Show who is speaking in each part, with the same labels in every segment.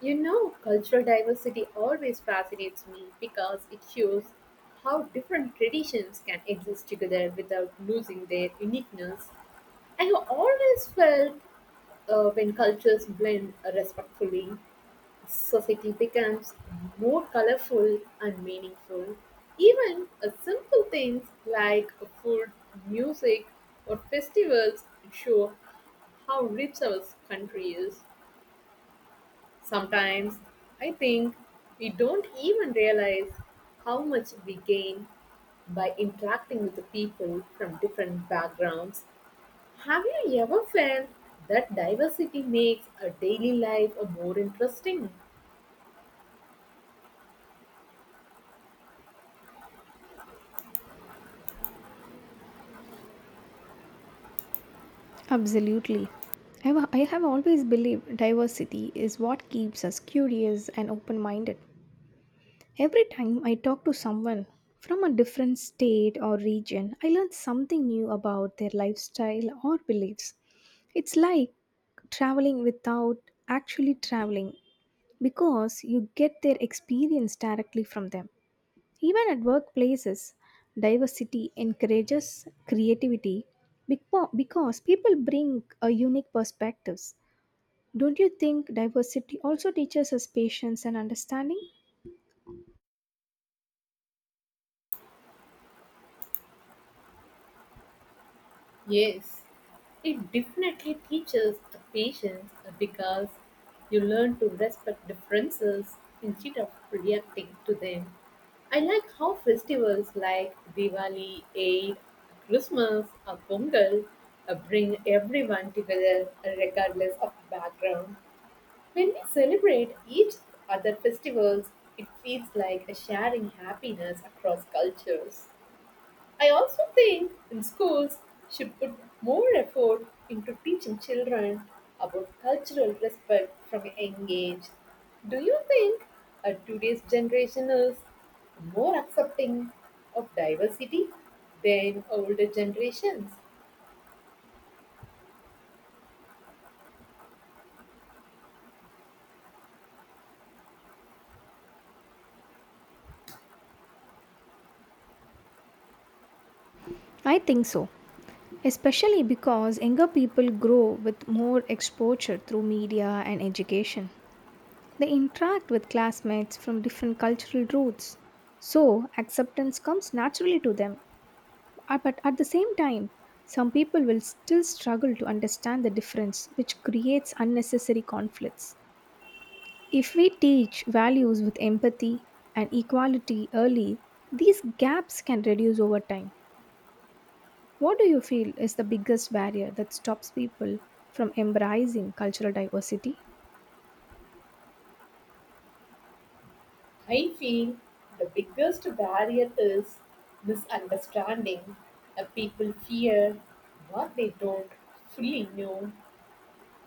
Speaker 1: You know, cultural diversity always fascinates me because it shows how different traditions can exist together without losing their uniqueness. I have always felt when cultures blend respectfully, society becomes more colorful and meaningful. Even simple things like food, music, or festivals show how rich our country is. Sometimes I think we don't even realize how much we gain by interacting with the people from different backgrounds. Have you ever felt that diversity makes a daily life a more interesting?
Speaker 2: Absolutely. I have always believed diversity is what keeps us curious and open minded. Every time I talk to someone from a different state or region, I learn something new about their lifestyle or beliefs. It's like traveling without actually traveling because you get their experience directly from them. Even at workplaces, diversity encourages creativity because people bring a unique perspectives. Don't you think diversity also teaches us patience and understanding?
Speaker 1: Yes, it definitely teaches the patience because you learn to respect differences instead of reacting to them. I like how festivals like Diwali, Eid, Christmas, or Pongal bring everyone together regardless of background. When we celebrate each other festivals, it feels like a sharing happiness across cultures. I also think in schools should put more effort into teaching children about cultural respect from a young age. Do you think today's generation is more accepting of diversity than older generations?
Speaker 2: I think so, especially because younger people grow with more exposure through media and education. They interact with classmates from different cultural roots, so acceptance comes naturally to them. But at the same time, some people will still struggle to understand the difference, which creates unnecessary conflicts. If we teach values with empathy and equality early, these gaps can reduce over time. What do you feel is the biggest barrier that stops people from embracing cultural diversity?
Speaker 1: I feel the biggest barrier is misunderstanding. People fear what they don't fully know.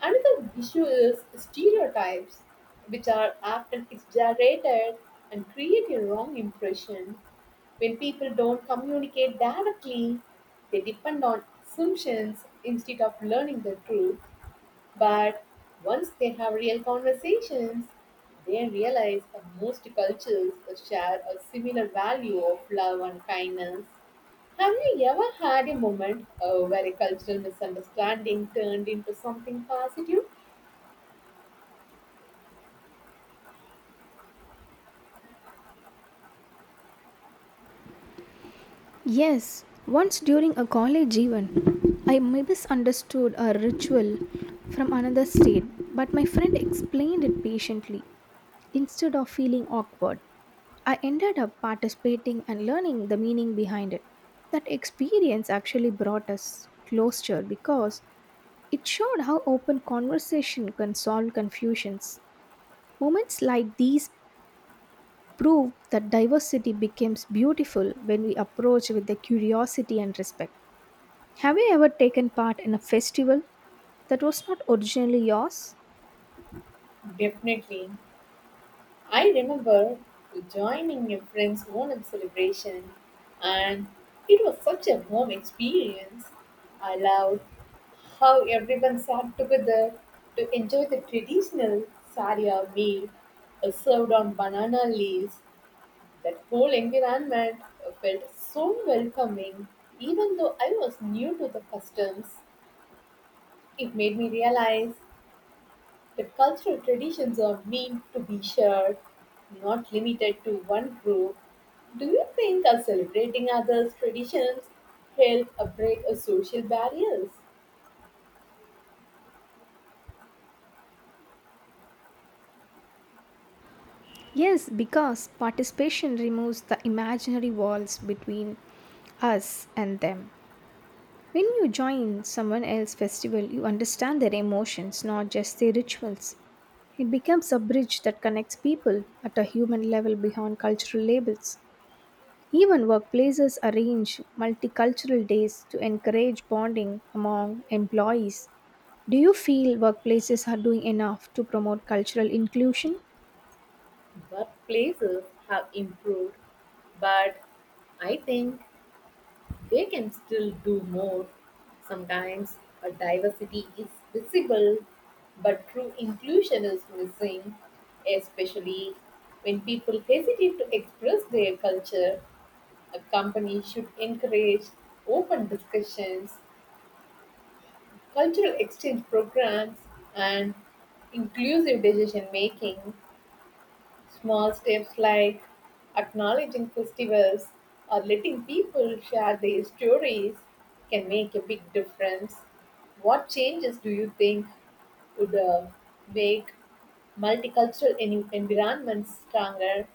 Speaker 1: Another issue is stereotypes, which are often exaggerated and create a wrong impression. When people don't communicate directly, they depend on assumptions instead of learning the truth. But once they have real conversations, they realize that most cultures share a similar value of love and kindness. Have you ever had a moment where a cultural misunderstanding turned into something positive?
Speaker 2: Yes, once during a college event, I misunderstood a ritual from another state, but my friend explained it patiently. Instead of feeling awkward, I ended up participating and learning the meaning behind it. That experience actually brought us closer because it showed how open conversation can solve confusions. Moments like these prove that diversity becomes beautiful when we approach with the curiosity and respect. Have you ever taken part in a festival that was not originally yours?
Speaker 1: Definitely. I remember joining a friend's Onam celebration, and it was such a warm experience. I loved how everyone sat together to enjoy the traditional sarya meal served on banana leaves. That whole environment felt so welcoming, even though I was new to the customs. It made me realize the cultural traditions are meant to be shared, not limited to one group. Do you think celebrating others' traditions help break social barriers?
Speaker 2: Yes, because participation removes the imaginary walls between us and them. When you join someone else's festival, you understand their emotions, not just their rituals. It becomes a bridge that connects people at a human level beyond cultural labels. Even workplaces arrange multicultural days to encourage bonding among employees. Do you feel workplaces are doing enough to promote cultural inclusion?
Speaker 1: Workplaces have improved, but I think they can still do more. Sometimes a diversity is visible, but true inclusion is missing, especially when people hesitate to express their culture. A company should encourage open discussions, cultural exchange programs, and inclusive decision making. Small steps like acknowledging festivals or letting people share their stories can make a big difference. What changes do you think would make multicultural environments stronger?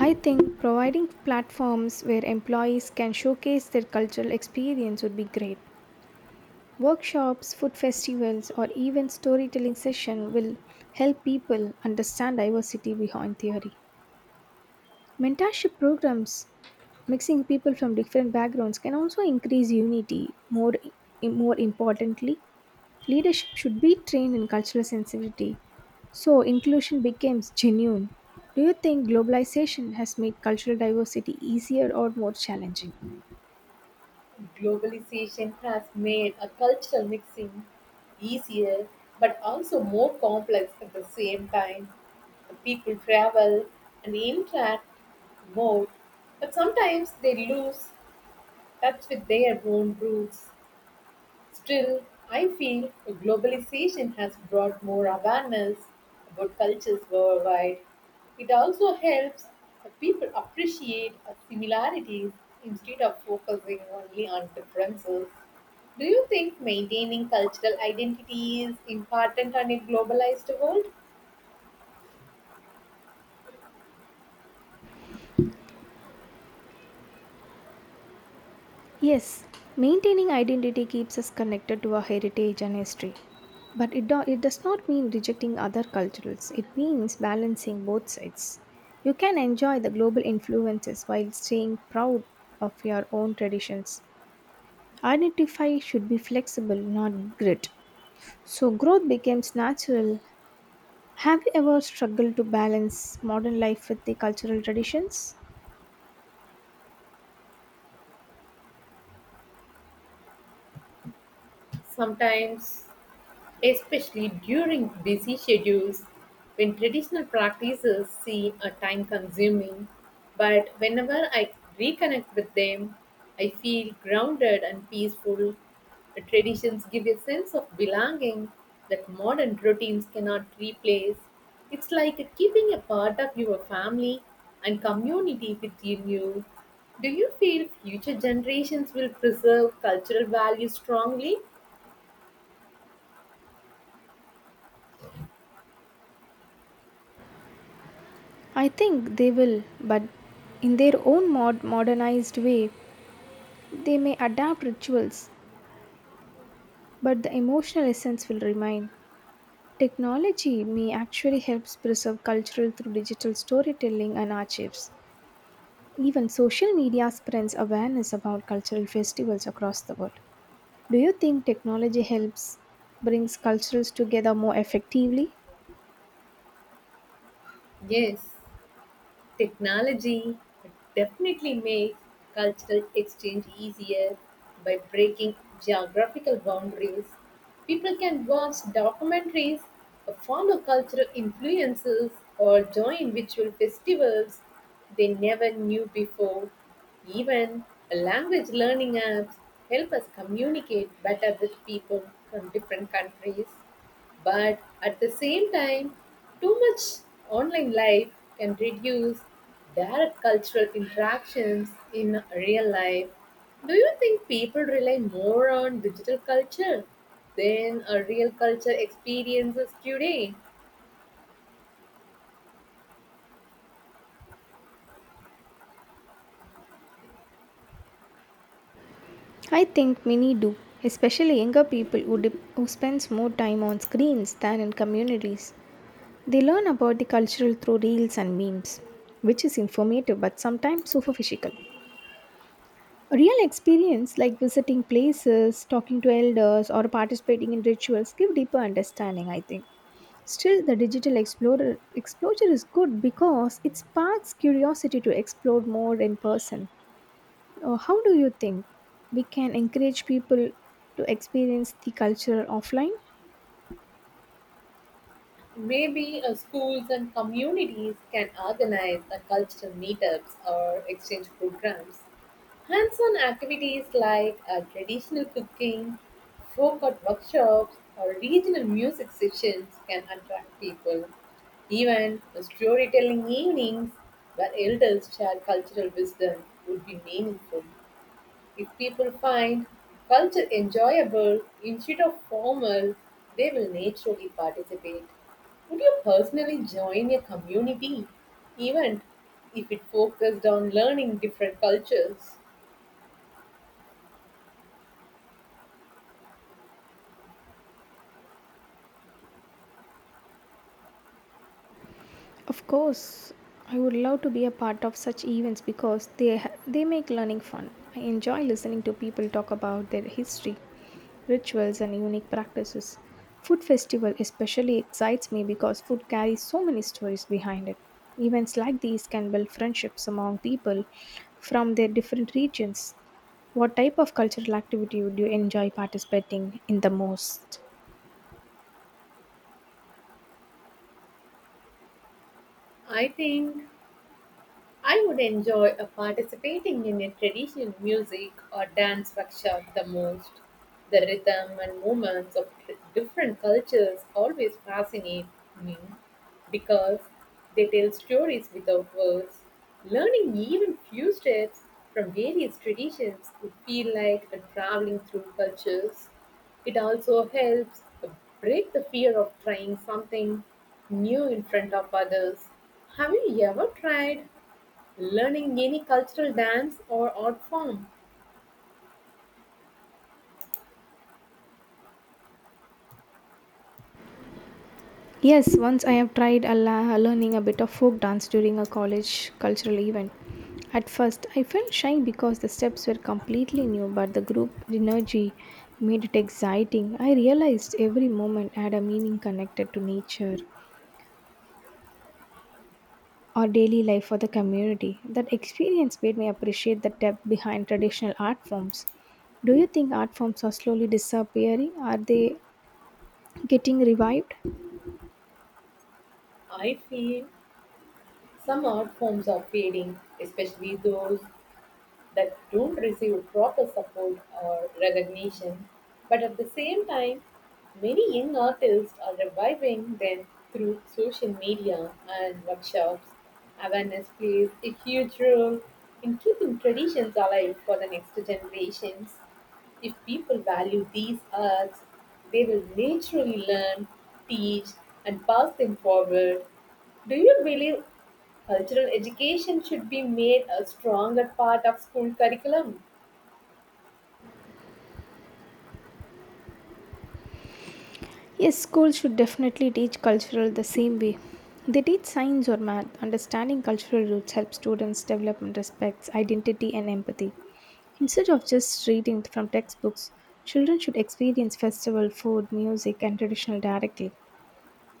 Speaker 2: I think providing platforms where employees can showcase their cultural experience would be great. Workshops, food festivals, or even storytelling session will help people understand diversity behind theory. Mentorship programs mixing people from different backgrounds can also increase unity more importantly, leadership should be trained in cultural sensitivity so inclusion becomes genuine. Do you think globalization has made cultural diversity easier or more challenging?
Speaker 1: Globalization has made a cultural mixing easier but also more complex at the same time. People travel and interact more, but sometimes they lose touch with their own roots. Still, I feel globalization has brought more awareness about cultures worldwide. It also helps people appreciate similarities instead of focusing only on differences. Do you think maintaining cultural identity is important on a globalized world?
Speaker 2: Yes, maintaining identity keeps us connected to our heritage and history. But it does not mean rejecting other cultures, it means balancing both sides. You can enjoy the global influences while staying proud of your own traditions. Identify should be flexible, not grit, so growth becomes natural. Have you ever struggled to balance modern life with the cultural traditions?
Speaker 1: Sometimes especially during busy schedules when traditional practices seem a time consuming. But whenever I reconnect with them, I feel grounded and peaceful. The traditions give a sense of belonging that modern routines cannot replace. It's like keeping a part of your family and community within you. Do you feel future generations will preserve cultural values strongly?
Speaker 2: I think they will, but in their own modernized way, they may adapt rituals, but the emotional essence will remain. Technology may actually help preserve cultural through digital storytelling and archives. Even social media spreads awareness about cultural festivals across the world. Do you think technology helps brings cultures together more effectively?
Speaker 1: Yes. Technology definitely makes cultural exchange easier by breaking geographical boundaries. People can watch documentaries, follow cultural influences, or join virtual festivals they never knew before. Even language learning apps help us communicate better with people from different countries. But at the same time, too much online life can reduce their cultural interactions in real life. Do you think people rely more on digital culture than a real culture experiences today?
Speaker 2: I think many do, especially younger people who spends more time on screens than in communities. They learn about the cultural through reels and memes, which is informative but sometimes superficial. Real experience like visiting places, talking to elders, or participating in rituals give deeper understanding, I think. Still, the exposure is good because it sparks curiosity to explore more in person. How do you think we can encourage people to experience the culture offline?
Speaker 1: Maybe schools and communities can organize cultural meetups or exchange programs. Hands on activities like traditional cooking, folk art workshops, or regional music sessions can attract people. Even storytelling evenings where elders share cultural wisdom would be meaningful. If people find culture enjoyable instead of formal, they will naturally participate. Would you personally join a community event if it focused on learning different cultures?
Speaker 2: Of course, I would love to be a part of such events because they make learning fun. I enjoy listening to people talk about their history, rituals and unique practices. Food festival especially excites me because food carries so many stories behind it. Events like these can build friendships among people from their different regions. What type of cultural activity would you enjoy participating in the most?
Speaker 1: I think I would enjoy participating in a traditional music or dance workshop the most. The rhythm and movements of different cultures always fascinate me because they tell stories without words. Learning even few steps from various traditions would feel like a traveling through cultures. It also helps break the fear of trying something new in front of others. Have you ever tried learning any cultural dance or art form?
Speaker 2: Yes, once I have tried a learning a bit of folk dance during a college cultural event. At first, I felt shy because the steps were completely new, but the group energy made it exciting. I realized every moment had a meaning connected to nature or daily life for the community. That experience made me appreciate the depth behind traditional art forms. Do you think art forms are slowly disappearing? Are they getting revived?
Speaker 1: I feel some art forms are fading, especially those that don't receive proper support or recognition. But at the same time, many young artists are reviving them through social media and workshops. Awareness plays a huge role in keeping traditions alive for the next generations. If people value these arts, they will naturally learn, teach, and pass them forward. Do you believe cultural education should be made a stronger part of school curriculum?
Speaker 2: Yes, schools should definitely teach cultural the same way. They teach science or math. Understanding cultural roots helps students develop and respects identity and empathy. Instead of just reading from textbooks, children should experience festival, food, music, and traditional directly.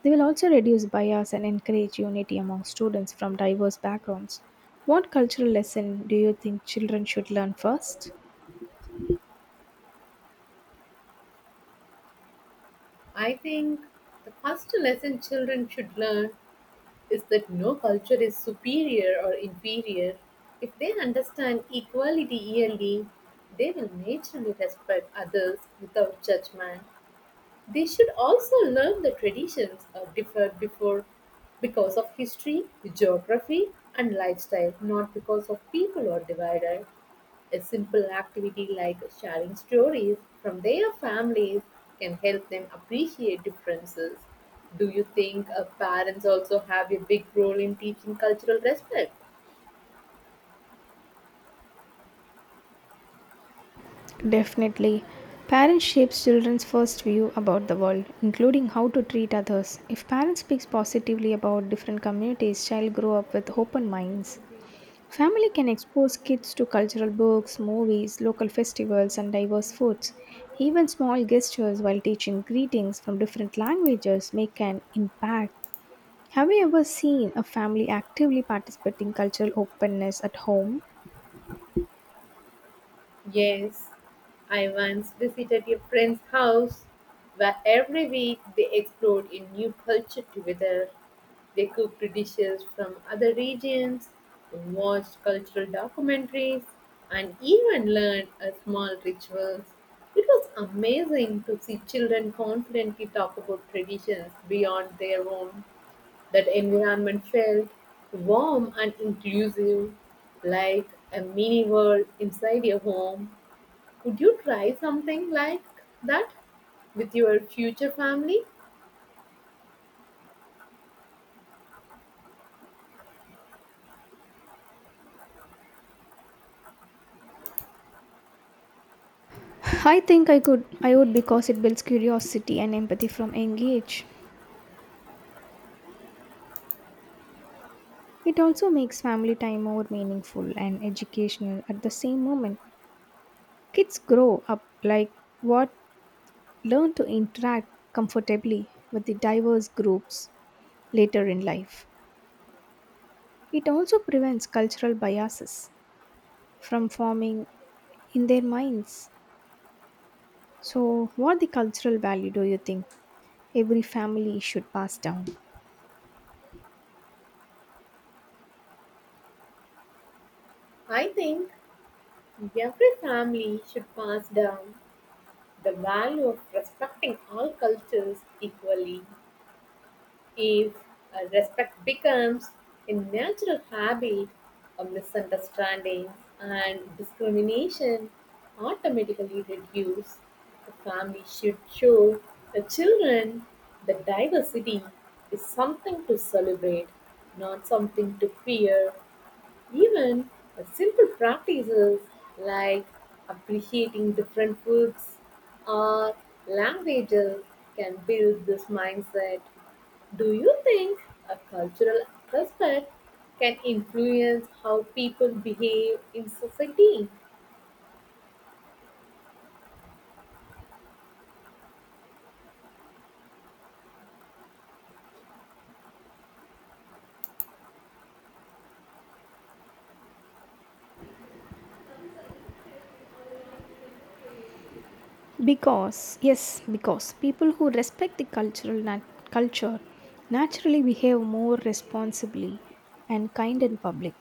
Speaker 2: They will also reduce bias and encourage unity among students from diverse backgrounds. What cultural lesson do you think children should learn first?
Speaker 1: I think the first lesson children should learn is that no culture is superior or inferior. If they understand equality early, they will naturally respect others without judgment. They should also learn the traditions are differed before because of history, geography, and lifestyle, not because of people or divided. A simple activity like sharing stories from their families can help them appreciate differences. Do you think parents also have a big role in teaching cultural respect?
Speaker 2: Definitely. Parents shape children's first view about the world, including how to treat others. If parents speak positively about different communities, child grow up with open minds. Family can expose kids to cultural books, movies, local festivals and diverse foods. Even small gestures while teaching greetings from different languages make an impact. Have you ever seen a family actively participating cultural openness at home?
Speaker 1: Yes, I once visited a friend's house where every week they explored a new culture together. They cooked dishes from other regions, watched cultural documentaries, and even learned a small rituals. It was amazing to see children confidently talk about traditions beyond their own. That environment felt warm and inclusive, like a mini world inside your home. Would you try something like that with your future family?
Speaker 2: I think I would because it builds curiosity and empathy from young age. It also makes family time more meaningful and educational at the same moment. Kids grow up like what learn to interact comfortably with the diverse groups later in life. It also prevents cultural biases from forming in their minds. So what the cultural value do you think every family should pass down?
Speaker 1: I think every family should pass down the value of respecting all cultures equally. If respect becomes a natural habit, a misunderstanding and discrimination automatically reduce. The family should show the children that diversity is something to celebrate, not something to fear. Even simple practices like appreciating different foods or languages can build this mindset. Do you think a cultural aspect can influence how people behave in society?
Speaker 2: Because, yes, because people who respect the culture naturally behave more responsibly and kind in public.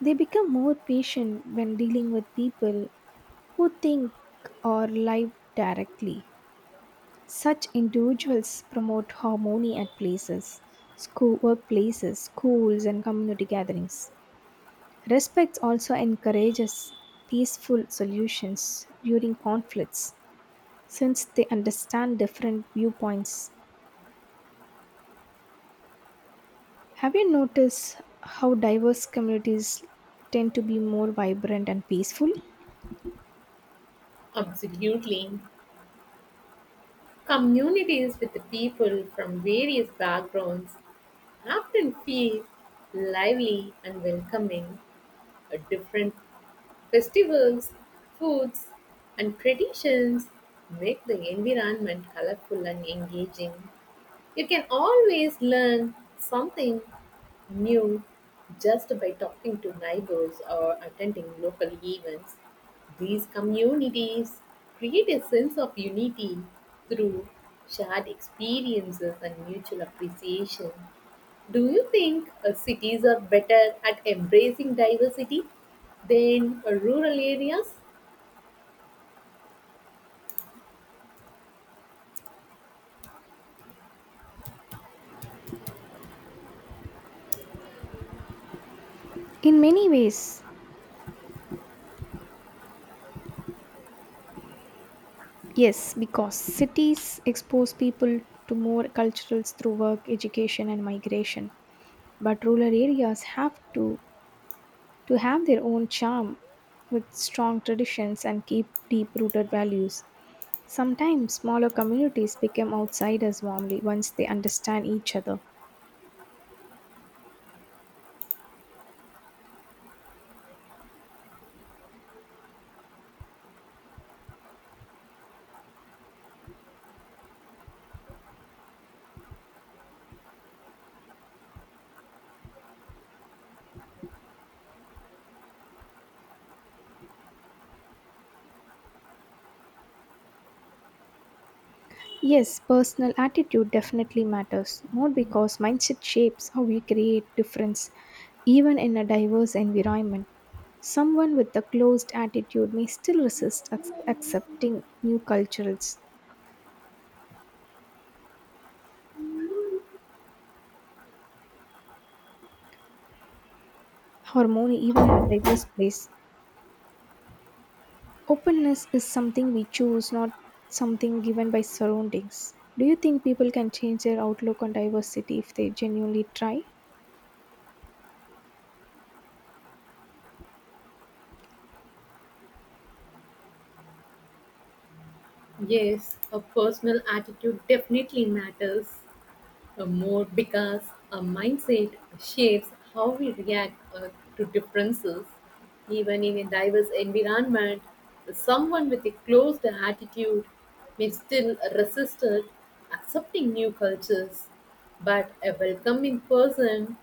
Speaker 2: They become more patient when dealing with people who think or live directly. Such individuals promote harmony at places, school workplaces, schools and community gatherings. Respect also encourages peaceful solutions during conflicts since they understand different viewpoints. Have you noticed how diverse communities tend to be more vibrant and peaceful?
Speaker 1: Absolutely. Communities with people from various backgrounds often feel lively and welcoming. A different festivals, foods, and traditions make the environment colorful and engaging. You can always learn something new just by talking to neighbors or attending local events. These communities create a sense of unity through shared experiences and mutual appreciation. Do you think cities are better at embracing diversity than rural areas?
Speaker 2: In many ways, yes, because cities expose people to more cultures through work, education, and migration. But rural areas have to have their own charm with strong traditions and keep deep rooted values. Sometimes smaller communities become outsiders warmly once they understand each other. Yes, personal attitude definitely matters more because mindset shapes how we create difference even in a diverse environment. Someone with a closed attitude may still resist accepting new cultures, harmony even in a diverse place. Openness is something we choose, not something given by surroundings. Do you think people can change their outlook on diversity if they genuinely try?
Speaker 1: Yes, a personal attitude definitely matters more because a mindset shapes how we react to differences. Even in a diverse environment, someone with a closed attitude may still resist it, accepting new cultures. But a welcoming person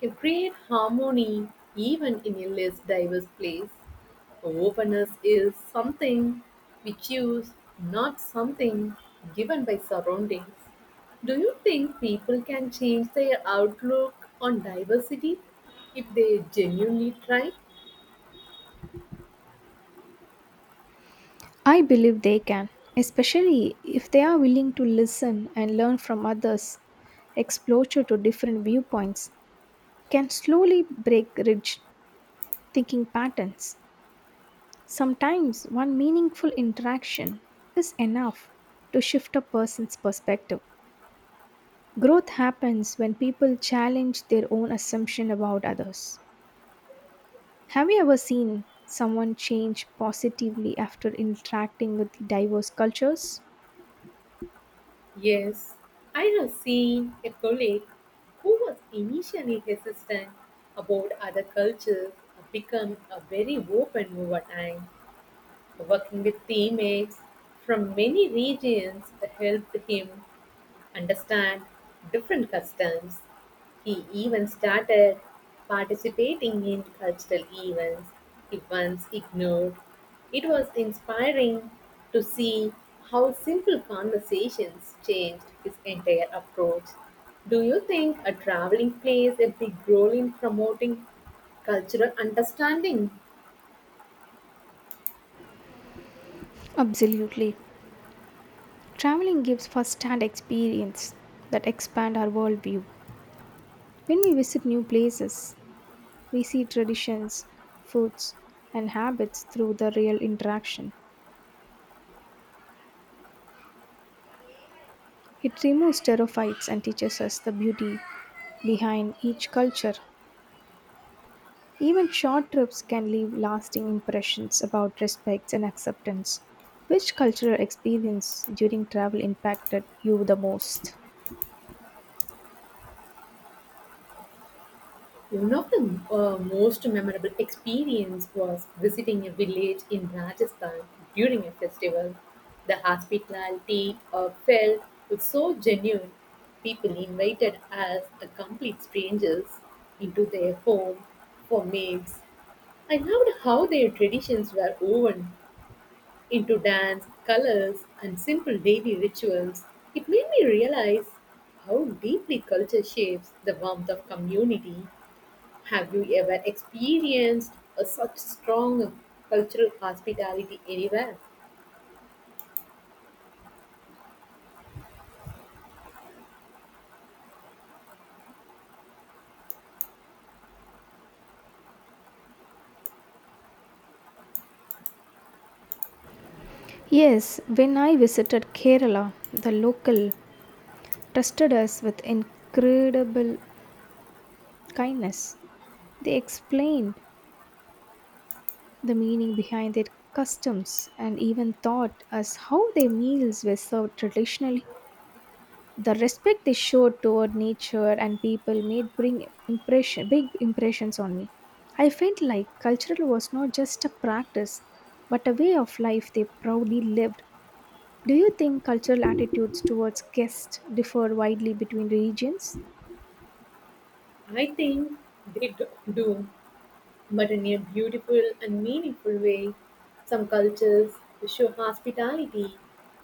Speaker 1: can create harmony even in a less diverse place. Openness is something we choose, not something given by surroundings. Do you think people can change their outlook on diversity if they genuinely try?
Speaker 2: I believe they can, especially if they are willing to listen and learn from others. Exposure to different viewpoints can slowly break rigid thinking patterns. Sometimes one meaningful interaction is enough to shift a person's perspective. Growth happens when people challenge their own assumption about others. Have you ever seen someone change positively after interacting with the diverse cultures?
Speaker 1: Yes, I have seen a colleague who was initially hesitant about other cultures become a very open over time. Working with teammates from many regions helped him understand different customs. He even started participating in cultural events he once ignored. It was inspiring to see how simple conversations changed his entire approach. Do you think a traveling plays a big role in promoting cultural understanding?
Speaker 2: Absolutely. Traveling gives first-hand experience that expand our worldview. When we visit new places, we see traditions, foods, and habits through the real interaction. It removes stereotypes and teaches us the beauty behind each culture. Even short trips can leave lasting impressions about respect and acceptance. Which cultural experience during travel impacted you the most?
Speaker 1: One of the most memorable experience was visiting a village in Rajasthan during a festival. The hospitality felt was so genuine. People invited us, the complete strangers, into their home for meals. I loved how their traditions were woven into dance, colors, and simple daily rituals. It made me realize how deeply culture shapes the warmth of community. Have you ever experienced a such strong cultural hospitality anywhere?
Speaker 2: Yes, when I visited Kerala, the local trusted us with incredible kindness. They explained the meaning behind their customs and even taught us how their meals were served traditionally. The respect they showed toward nature and people made big impressions on me. I felt like cultural was not just a practice, but a way of life they proudly lived. Do you think cultural attitudes towards guests differ widely between regions?
Speaker 1: I think they do, but in a beautiful and meaningful way. Some cultures show hospitality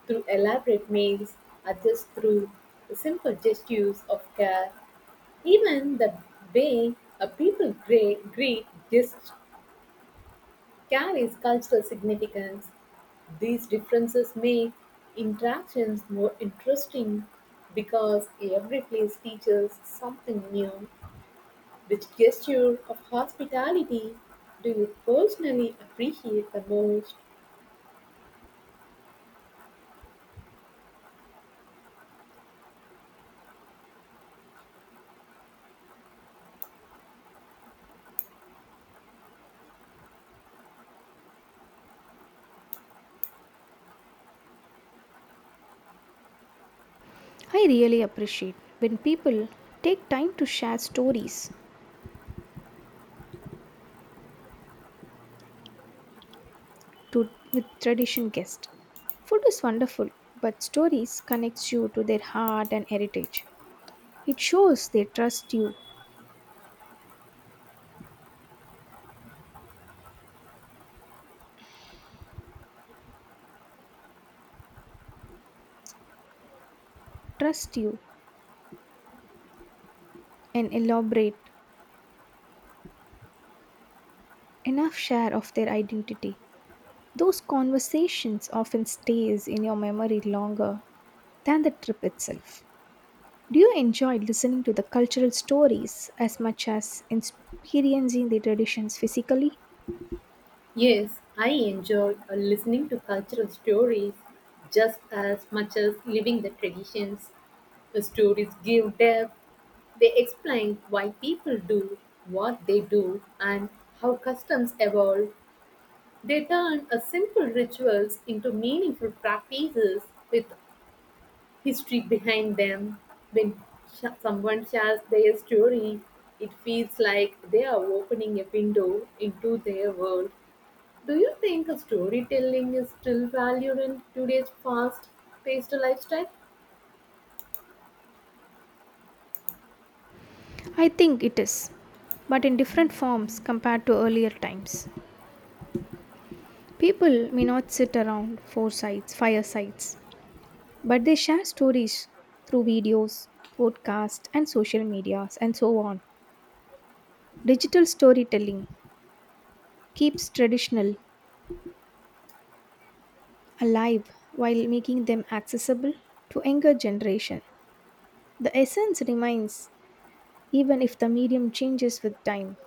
Speaker 1: through elaborate meals, or just through the simple gestures of care. Even the way a people greet guests carries cultural significance. These differences make interactions more interesting because every place teaches something new. Which gesture of hospitality do you personally appreciate the most?
Speaker 2: I really appreciate when people take time to share to, with tradition guests. Food is wonderful, but stories connects you to their heart and heritage. It shows they trust you, and elaborate enough share of their identity. Those conversations often stays in your memory longer than the trip itself. Do you enjoy listening to the cultural stories as much as experiencing the traditions physically?
Speaker 1: Yes, I enjoy listening to cultural stories just as much as living the traditions. The stories give depth, they explain why people do what they do and how customs evolve. They turn a simple rituals into meaningful practices with history behind them. When someone shares their story, it feels like they are opening a window into their world. Do you think storytelling is still valued in today's fast paced lifestyle?
Speaker 2: I think it is, but in different forms compared to earlier times. People may not sit around firesides, but they share stories through videos, podcasts, and social medias, and so on. Digital storytelling keeps traditional alive while making them accessible to younger generation. The essence remains even if the medium changes with time.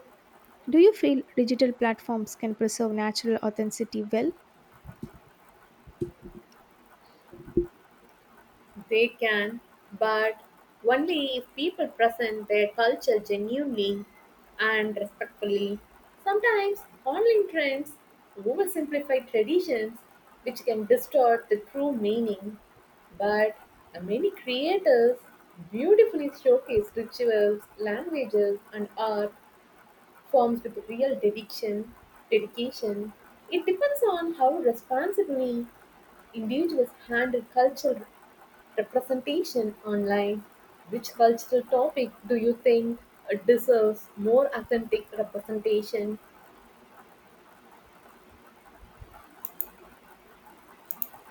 Speaker 2: Do you feel digital platforms can preserve natural authenticity well?
Speaker 1: They can, but only if people present their culture genuinely and respectfully. Sometimes online trends oversimplify traditions, which can distort the true meaning. But many creators beautifully showcase rituals, languages, and art forms with real dedication. It depends on how responsibly individuals handle cultural representation online. Which cultural topic do you think deserves more authentic representation?